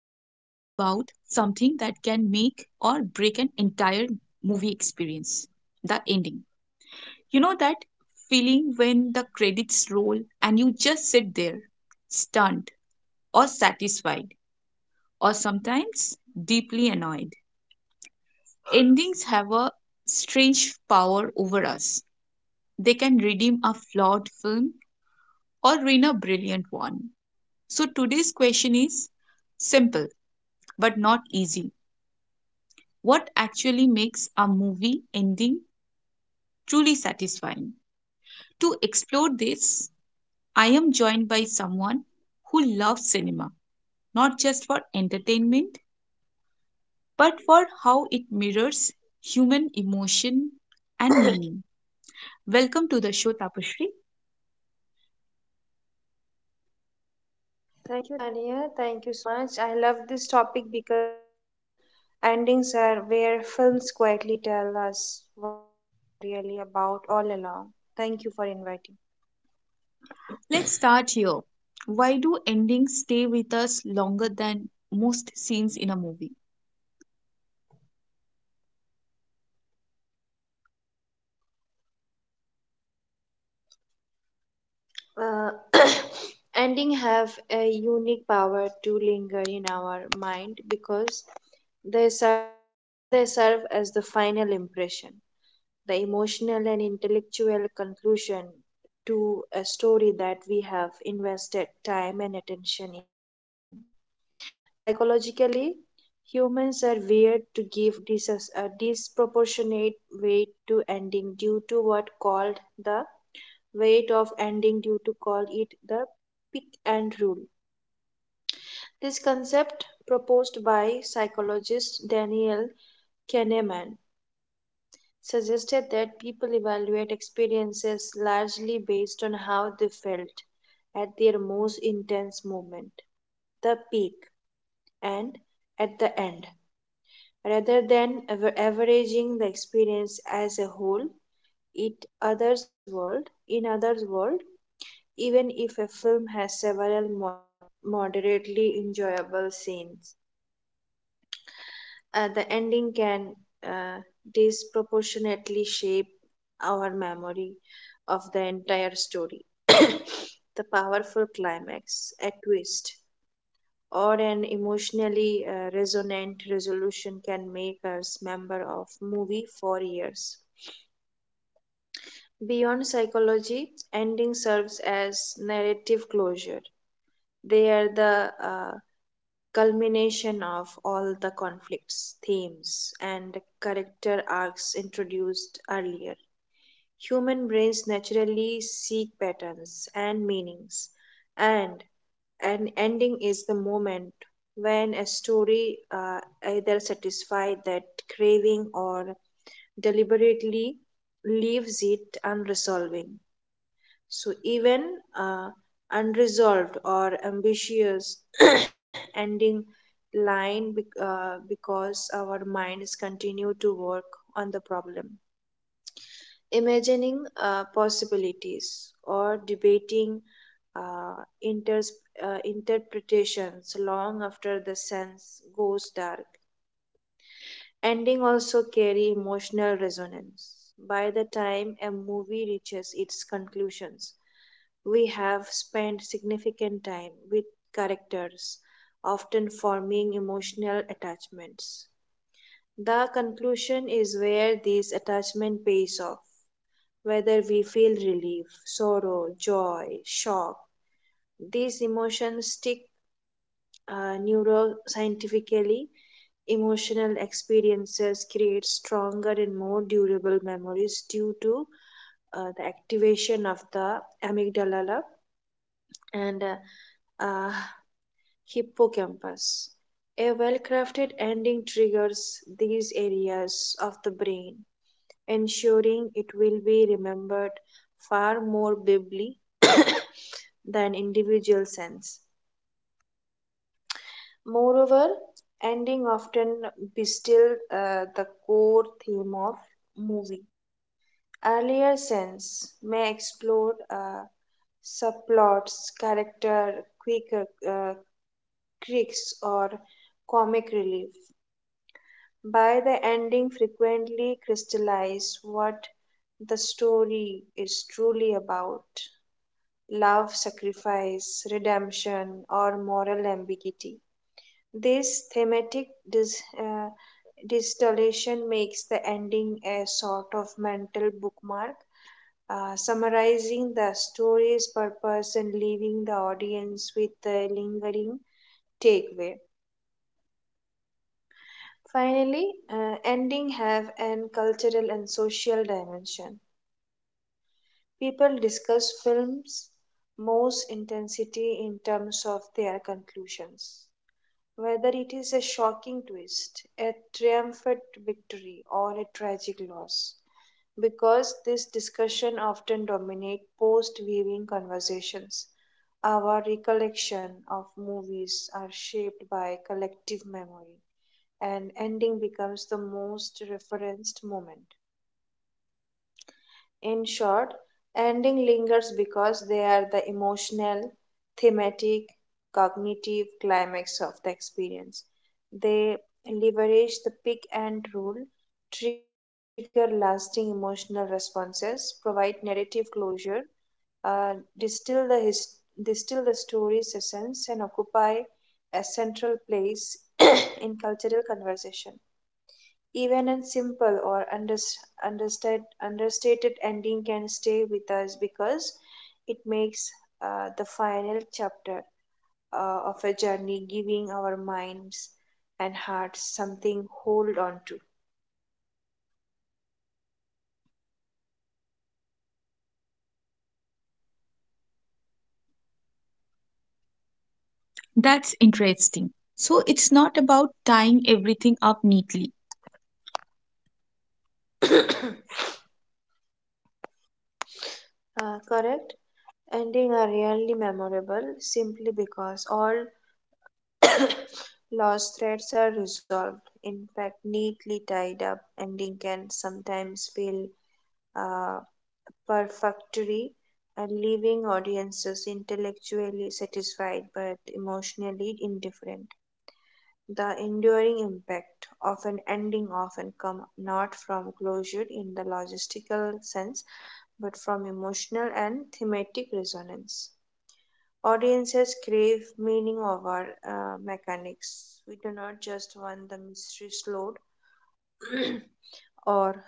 that can make or break an entire movie experience: the ending. You know that feeling when the credits roll and you just sit there, stunned or satisfied, or sometimes deeply annoyed. Endings have a strange power over us. They can redeem a flawed film or win a brilliant one. So today's question is simple but not easy. What actually makes a movie ending truly satisfying? To explore this, I am joined by someone who loves cinema, not just for entertainment, but for how it mirrors human emotion and meaning. Welcome to the show, Tapashri. Thank you, Tania. Thank you so much. I love this topic because endings are where films quietly tell us what they were really about all along. Thank you for inviting. Let's start here. Why do endings stay with us longer than most scenes in a movie? Uh, ending have a unique power to linger in our mind because they serves they serve as the final impression, the emotional and intellectual conclusion to a story that we have invested time and attention in. Psychologically, humans are wired to give a disproportionate weight to ending due to what called the weight of ending due to call it the pick and rule. This concept proposed by psychologist Daniel Kahneman suggested that people evaluate experiences largely based on how they felt at their most intense moment, the peak, and at the end, rather than averaging the experience as a whole. It others world in others world, even if a film has several moderately enjoyable scenes, the ending can uh, disproportionately shape our memory of the entire story. The powerful climax, a twist, or an emotionally resonant resolution can make us member of movie for years. Beyond psychology, ending serves as narrative closure. They are the culmination of all the conflicts, themes, and character arcs introduced earlier. Human brains naturally seek patterns and meanings, and an ending is the moment when a story either satisfies that craving or deliberately leaves it unresolved. So, even uh, unresolved or ambitious ending line because our minds continue to work on the problem, imagining possibilities or debating uh, inters- interpretations long after the sense goes dark. Ending also carry emotional resonance. By the time a movie reaches its conclusions, we have spent significant time with characters, often forming emotional attachments. The conclusion is where this attachment pays off, whether we feel relief, sorrow, joy, shock. These emotions stick neuroscientifically. Emotional experiences create stronger and more durable memories due to the activation of the amygdala and uh, hippocampus. A well crafted ending triggers these areas of the brain, ensuring it will be remembered far more vividly than individual sense. Moreover, ending often bestill the core theme of movie. Earlier scenes may explore subplots, character, quick quirks, or comic relief. By the ending, frequently crystallize what the story is truly about: love, sacrifice, redemption, or moral ambiguity. This thematic distillation makes the ending a sort of mental bookmark, summarizing the story's purpose and leaving the audience with a lingering takeaway. Finally, ending have an cultural and social dimension. People discuss films most intensity in terms of their conclusions. Whether it is a shocking twist, a triumphant victory, or a tragic loss, because this discussion often dominates post-viewing conversations. Our recollection of movies are shaped by collective memory, and ending becomes the most referenced moment. In short, ending lingers because they are the emotional, thematic, cognitive climax of the experience. They leverage the pick and rule, trigger lasting emotional responses, provide narrative closure, uh, distill the his- distill the story's essence, and occupy a central place in cultural conversation. Even a simple or understated ending can stay with us because it makes the final chapter of a journey, giving our minds and hearts something hold on to. That's interesting. So it's not about tying everything up neatly. Correct. Ending are really memorable simply because all lost threads are resolved. In fact, neatly tied up ending can sometimes feel uh, Perfectory, and leaving audiences intellectually satisfied but emotionally indifferent. The enduring impact of an ending often come not from closure in the logistical sense but from emotional and thematic resonance. Audiences crave meaning over mechanics. We do not just want the mystery slowed or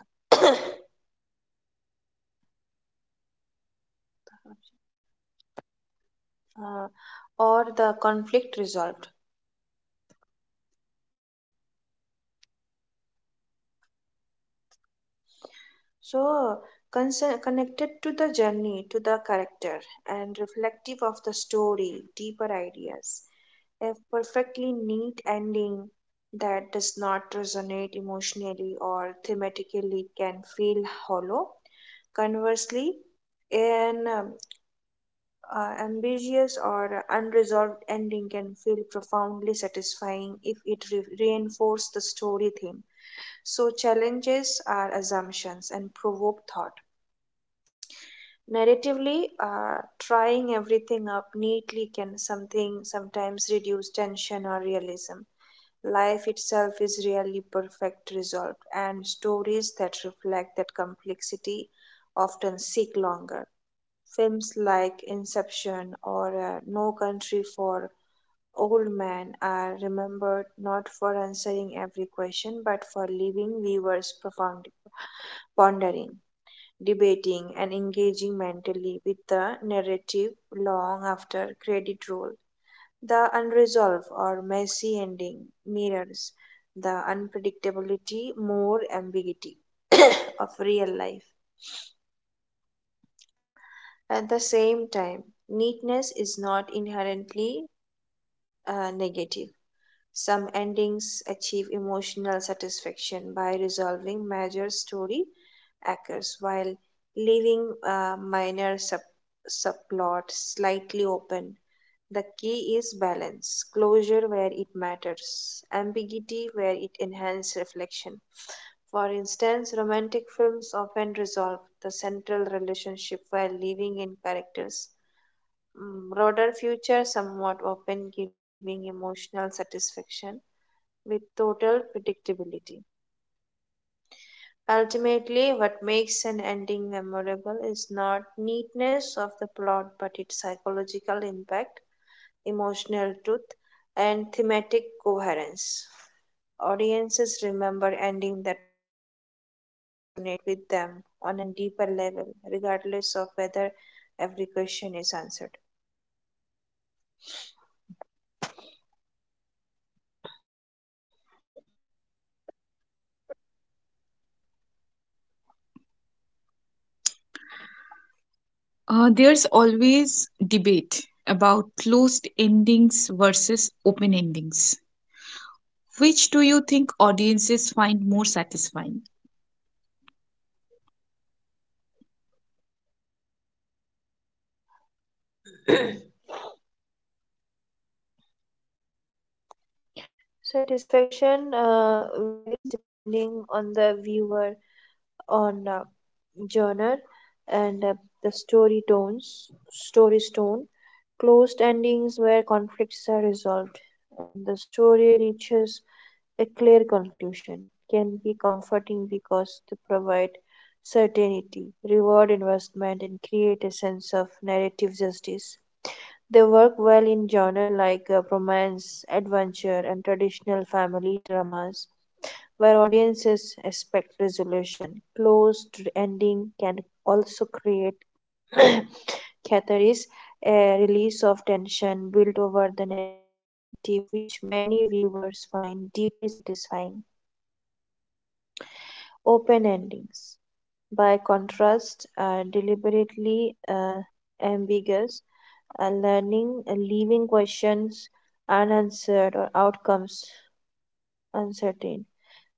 uh, or the conflict resolved. So, concern, connected to the journey, to the character, and reflective of the story, deeper ideas. A perfectly neat ending that does not resonate emotionally or thematically can feel hollow. Conversely, an ambiguous or unresolved ending can feel profoundly satisfying if it reinforces the story theme. So, challenges are assumptions and provoke thought. Narratively, trying everything up neatly can something sometimes reduce tension or realism. Life itself is rarely perfect resolved, and stories that reflect that complexity often seek longer. Films like Inception or No Country for Old Men are remembered not for answering every question but for leaving viewers profound pondering debating, and engaging mentally with the narrative long after credit roll. The unresolved or messy ending mirrors the unpredictability, more ambiguity of real life. At the same time, neatness is not inherently negative. Some endings achieve emotional satisfaction by resolving major story arcs while leaving minor subplots slightly open. The key is balance, closure where it matters, ambiguity where it enhances reflection. For instance, romantic films often resolve the central relationship while leaving in characters' broader future somewhat open, giving emotional satisfaction with total predictability. Ultimately, what makes an ending memorable is not neatness of the plot but its psychological impact, emotional truth, and thematic coherence. Audiences remember endings that resonate with them on a deeper level, regardless of whether every question is answered. There's always debate about closed endings versus open endings. Which do you think audiences find more satisfying? Satisfaction varies depending on the viewer, on genre and story tone, closed endings where conflicts are resolved and the story reaches a clear conclusion can be comforting because they provide certainty, reward investment, and create a sense of narrative justice. They work well in genres like romance, adventure, and traditional family dramas where audiences expect resolution. Closed ending can also create catharsis, a release of tension built over the narrative, which many viewers find deeply satisfying. Open endings, by contrast, are deliberately ambiguous, leaving questions unanswered or outcomes uncertain.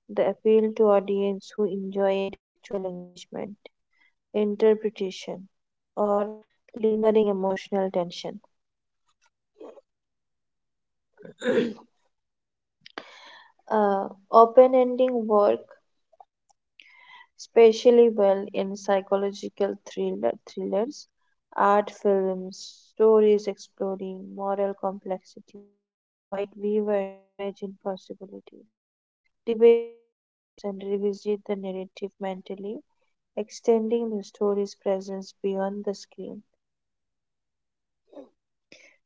The appeal to audience who enjoy intellectual engagement interpretation, or lingering emotional tension. Open ending work especially well in thrillers, art films, stories exploring moral complexity. They invite viewer imagine possibilities, debate outcomes, and revisit the narrative mentally, extending the story's presence beyond the screen.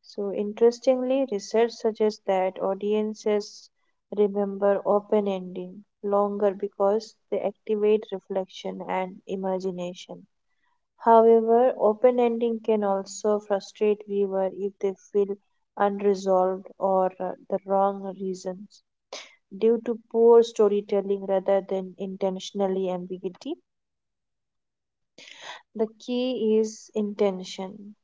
So, interestingly, research suggests that audiences remember open ending longer because they activate reflection and imagination. However, open ending can also frustrate viewer if they feel unresolved or the wrong reasons due to poor storytelling rather than intentionally ambiguity. The key is intention.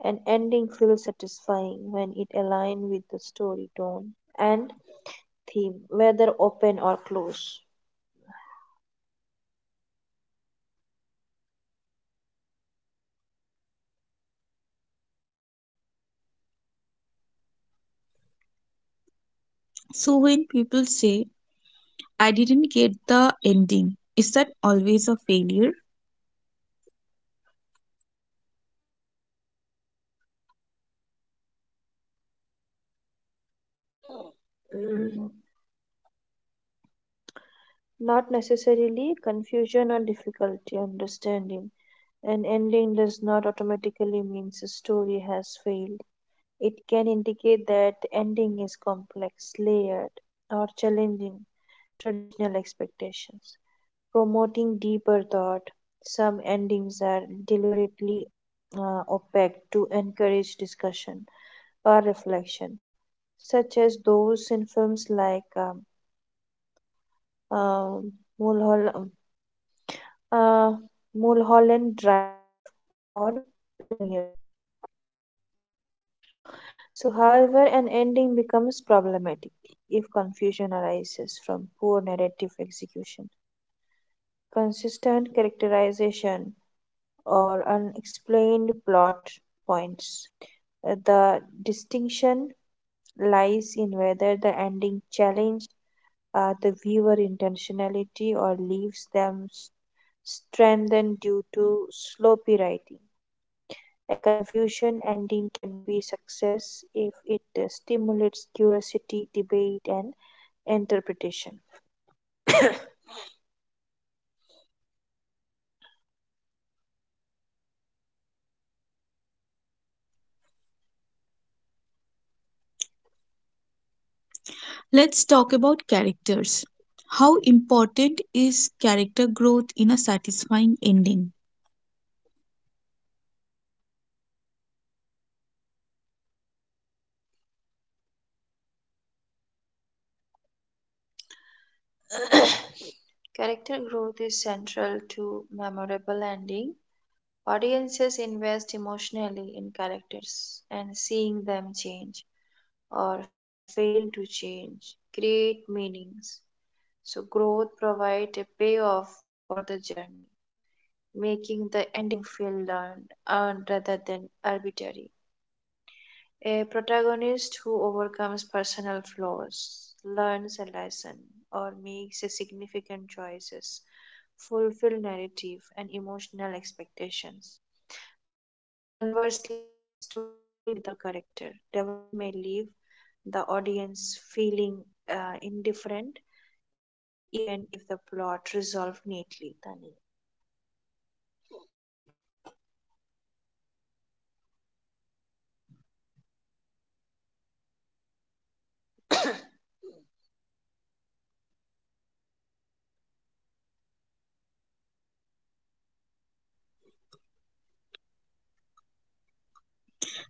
An ending feels satisfying when it aligns with the story tone and theme, whether open or closed. So when people say, "I didn't get the ending," is that always a failure? Not necessarily confusion or difficulty understanding. An ending does not automatically mean the story has failed. It can indicate that the ending is complex, layered, or challenging. Traditional expectations, promoting deeper thought. Some endings are deliberately opaque to encourage discussion or reflection, such as those in films like uh, Mulholland, uh, Mulholland Drive or Premiere. So, however, an ending becomes problematic if confusion arises from poor narrative execution, consistent characterization, or unexplained plot points. The distinction lies in whether the ending challenges the viewer intentionality or leaves them strengthened due to sloppy writing. A confusion ending can be success if it stimulates curiosity, debate, and interpretation. Let's talk about characters. How important is character growth in a satisfying ending? Character growth is central to memorable ending. Audiences invest emotionally in characters, and seeing them change or fail to change create meanings. So, growth provides a payoff for the journey, making the ending feel learned, earned rather than arbitrary. A protagonist who overcomes personal flaws, learns a lesson, or makes a significant choices fulfill narrative and emotional expectations. Conversely, a story without meaningful character development may leave the audience feeling indifferent even if the plot resolved neatly. Tani.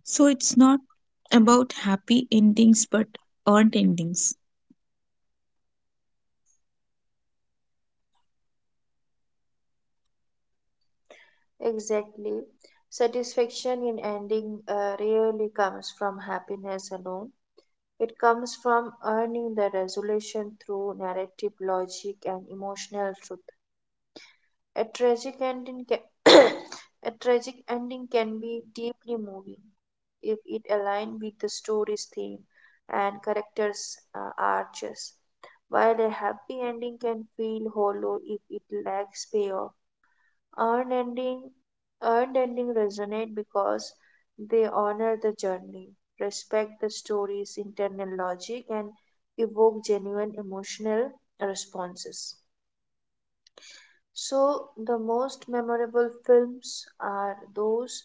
So it's not about happy endings but earned endings. Exactly. Satisfaction in ending rarely comes from happiness alone. Comes from earning the resolution through narrative logic and emotional truth. A tragic ending can a tragic ending can be deeply moving if it aligns with the story's theme and characters' arches, while a happy ending can feel hollow if it lacks payoff. Earned ending earned ending resonate because they honor the journey, respect the story's internal logic, and evoke genuine emotional responses. So, the most memorable films are those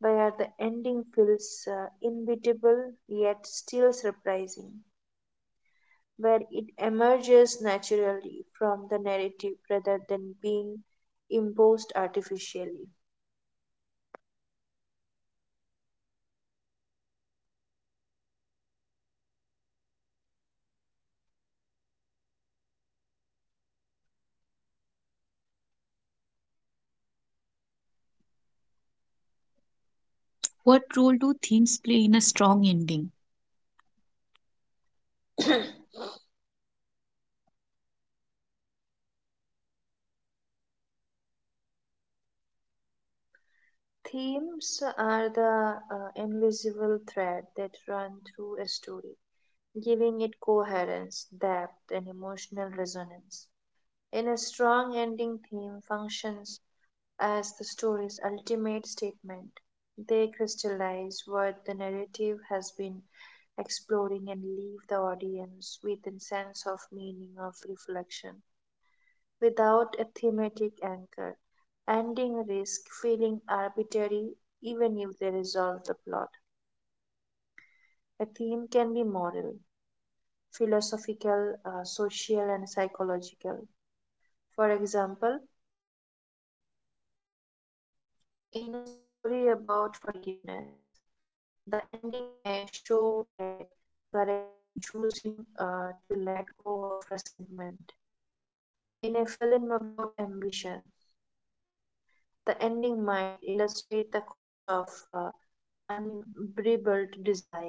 where the ending feels inevitable yet still surprising, where it emerges naturally from the narrative rather than being imposed artificially. What role do themes play in a strong ending? Themes are the invisible thread that run through a story, giving it coherence, depth, and emotional resonance. In a strong ending theme functions as the story's ultimate statement. They crystallize what the narrative has been exploring and leave the audience with a sense of meaning of reflection without a thematic anchor. Ending risk feeling arbitrary even if they resolve the plot. A theme can be moral, philosophical, social, and psychological. For example, in a story about forgiveness, the ending may show a character choosing to let go of resentment. In a film about ambition, the ending might illustrate the cost of unbridled desire.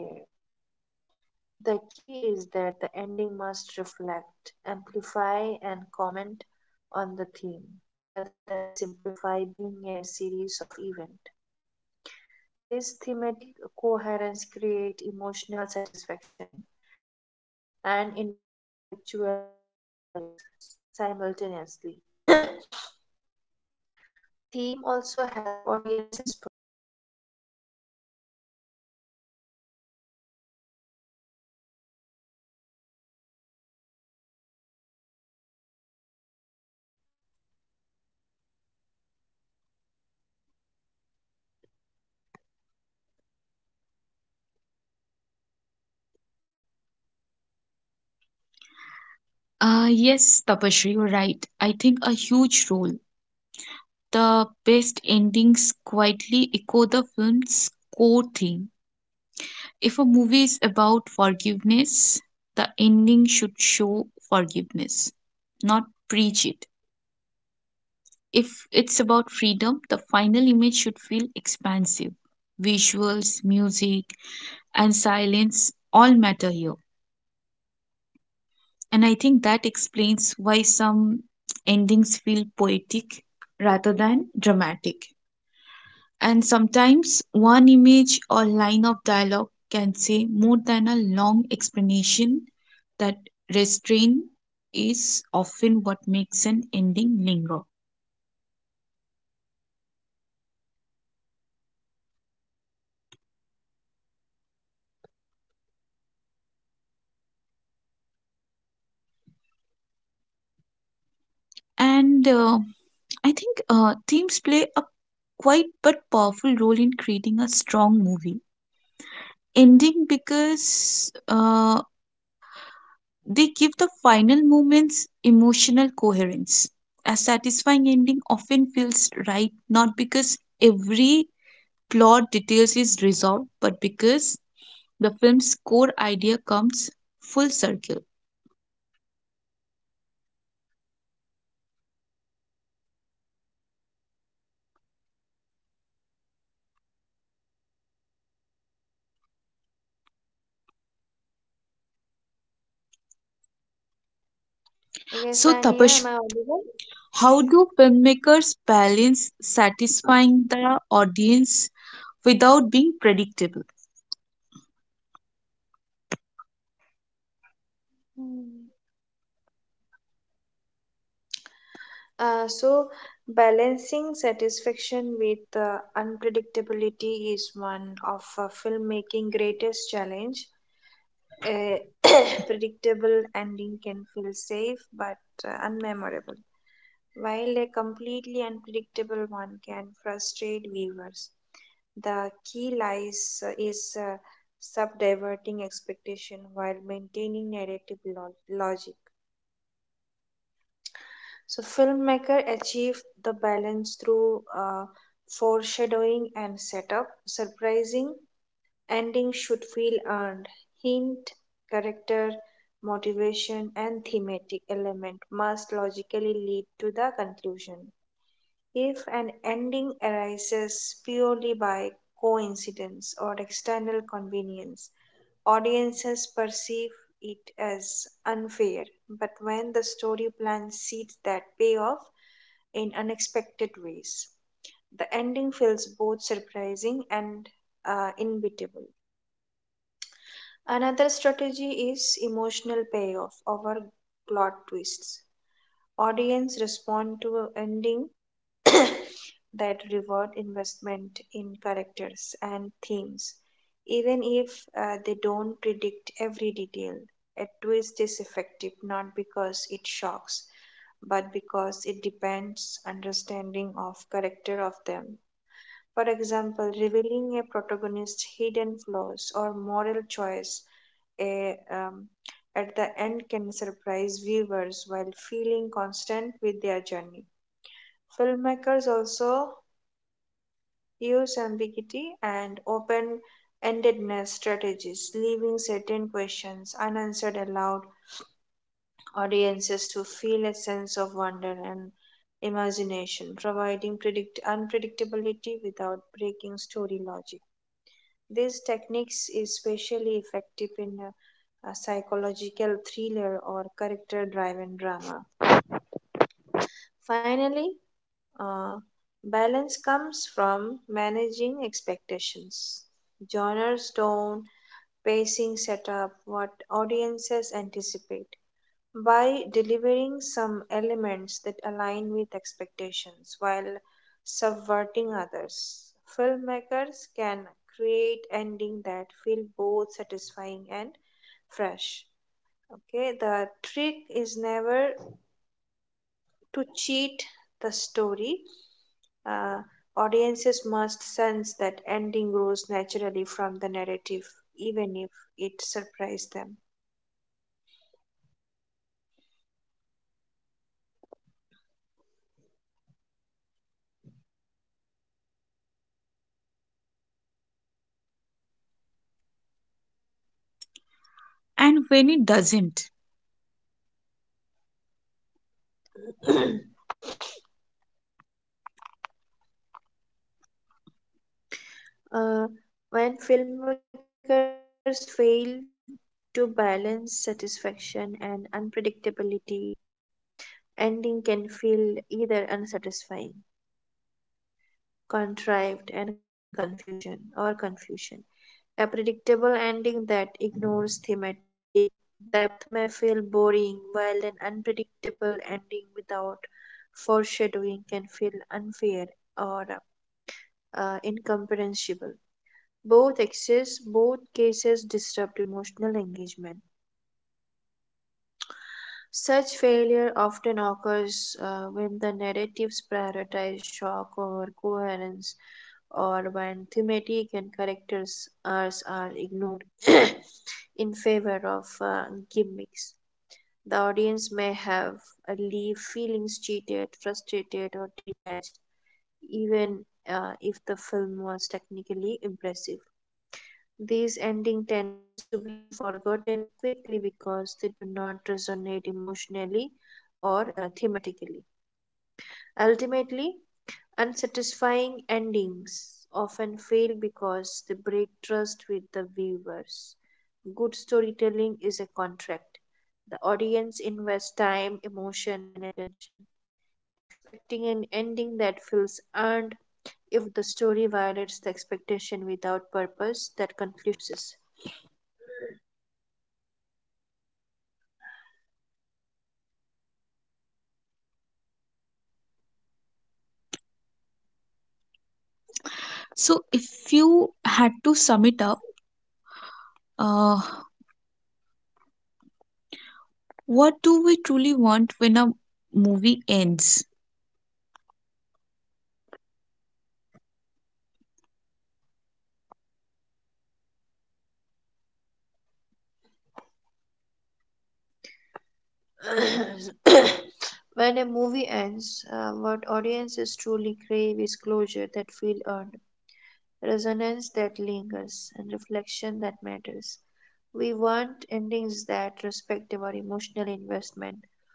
The key is that the ending must reflect, amplify, and comment on the theme rather than simplify being a series of events. This thematic coherence creates emotional satisfaction and intellectual engagement stimulus simultaneously. Theme also help audiences process complex narratives. Humans are pattern seeking a creature. When we see a film's conclusion echoes its central idea, we can interpret the journey as meaningful. A strong Yes, Tapashri, you're right. I think a huge role. The best endings quietly echo the film's core theme. If a movie is about forgiveness, the ending should show forgiveness, not preach it. If it's about freedom, the final image should feel expansive. Visuals, music, and silence all matter here. And I think that explains why some endings feel poetic rather than dramatic. And sometimes one image or line of dialogue can say more than a long explanation. That restraint is often what makes an ending linger. And I think themes play a quite but powerful role in creating a strong movie ending. Because They give the final moments emotional coherence. A satisfying ending often feels right not because every plot details is resolved but because the film's core idea comes full circle. So Tapash, how do filmmakers balance satisfying the audience without being predictable, Mm. So, balancing satisfaction with unpredictability is one of filmmaking greatest challenge. A predictable ending can feel safe but unmemorable, while a completely unpredictable one can frustrate viewers. The key lies is subverting expectation while maintaining narrative logic. So filmmaker achieve the balance through foreshadowing and setup. Surprising ending should feel earned. Hint, character, motivation, and thematic element must logically lead to the conclusion. If an ending arises purely by coincidence or external convenience, audiences perceive it as unfair, but when the story plan seeds that payoff in unexpected ways, the ending feels both surprising and inevitable. Another strategy is emotional payoff over plot twists. Audience respond to ending that reward investment in characters and themes, even if they don't predict every detail. A twist is effective not because it shocks, but because it depends understanding of character of them. For example, revealing a protagonist's hidden flaws or moral choice a, um, at the end can surprise viewers while feeling constant with their journey. Filmmakers also use ambiguity and open endedness strategies, leaving certain questions unanswered, allowed audiences to feel a sense of wonder and imagination, providing unpredictability without breaking story logic. This techniques is especially effective in a psychological thriller or character-driven drama. Finally, uh, balance comes from managing expectations. Genres don't pacing setup what audiences anticipate by delivering some elements that align with expectations while subverting others. Filmmakers can create endings that feel both satisfying and fresh. Okay, the trick is never to cheat the story. Uh, Audiences must sense that ending grows naturally from the narrative, even if it surprised them. and when it doesn't? Uh, when filmmakers fail to balance satisfaction and unpredictability, ending can feel either unsatisfying, contrived, and confusion or confusion. A predictable ending that ignores thematic depth may feel boring, while an unpredictable ending without foreshadowing can feel unfair or incomprehensible. Both exist, both cases disrupt emotional engagement. Such failure often occurs when the narratives prioritize shock over coherence or when thematic and characters arcs are ignored in favor of gimmicks. The audience may have leave feelings cheated, frustrated, or detached, even if the film was technically impressive. These endings tends to be forgotten quickly because they do not resonate emotionally or thematically. Ultimately, unsatisfying endings often fail because they break trust with the viewers. Good storytelling is a contract. The audience invests time, emotion, and attention, expecting an ending that feels earned. If the story violates the expectation without purpose, that conclusion collapses. So if you had to sum it up, uh, what do we truly want when a movie ends? When a movie ends, what audiences truly crave is closure that feel earned, resonance that lingers, and reflection that matters. We want endings that respect our emotional investment,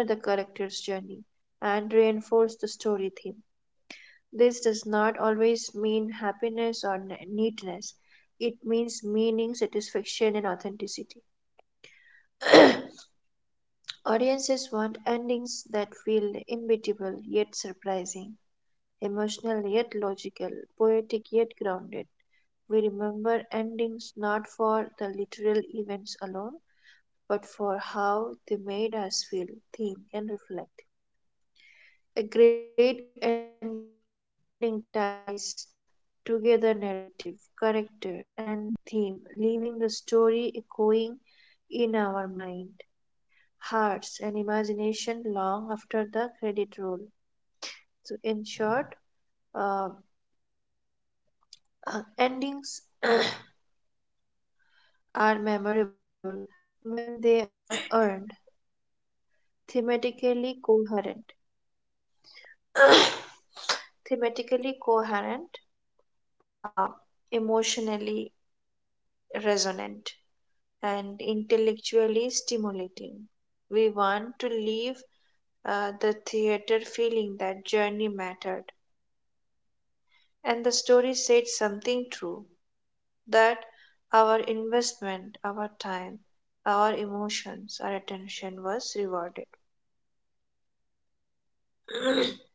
honor the character's journey, and reinforce the story theme. Does not always mean happiness or neatness. It means meaning, satisfaction, and authenticity. Audiences want endings that inevitable yet surprising, emotional yet logical, poetic yet grounded. We remember endings not for the literal events alone, but for how they made us feel, think, and reflect. A great ending ties together narrative, character, and theme, leaving the story echoing in our mind, hearts, and imagination long after the credit roll. So, in short, Uh, endings are memorable when they are earned, thematically coherent, thematically coherent, uh, resonant, and intellectually stimulating. We want to leave the theater feeling that journey mattered and the story said something true, that our investment, our time, our emotions, our attention was rewarded.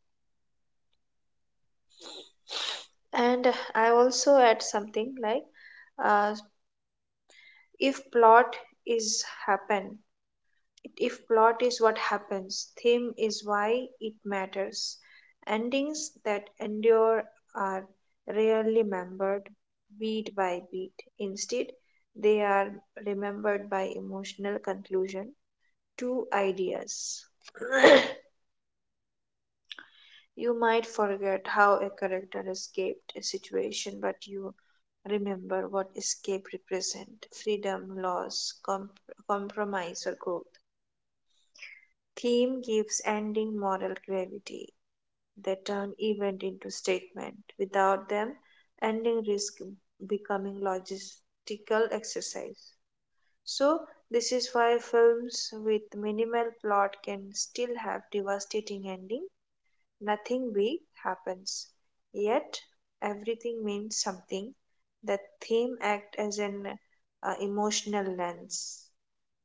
And I also add something like uh, if plot is happen, if happens theme is why it matters. Endings that endure are rarely remembered beat by beat. Instead they are remembered by emotional conclusion to ideas. You might forget how a character escaped a situation, but you remember what escape represents: freedom, loss, compromise, or growth. Theme gives ending moral gravity. They turn event into statement. Without them, ending risk becoming logistical exercise. So, this is why films with minimal plot can still have devastating ending. Nothing big happens, yet everything means something. The theme act as an emotional lens,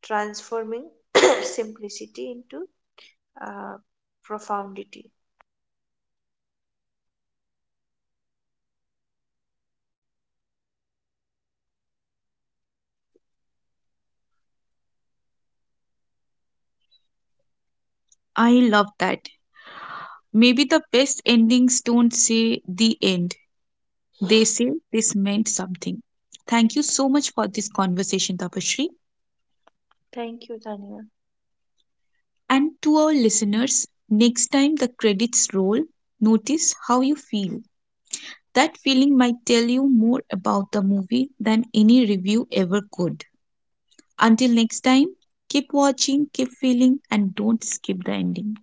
transforming simplicity into uh, profundity. I love that. Maybe the best endings don't say "the end," they say "this meant something." Thank you so much for this conversation, Tapashri. Thank you, Tanya. And to our listeners, next time the credits roll, notice how you feel. That feeling might tell you more about the movie than any review ever could. Until next time, keep watching, keep feeling, and don't skip the ending.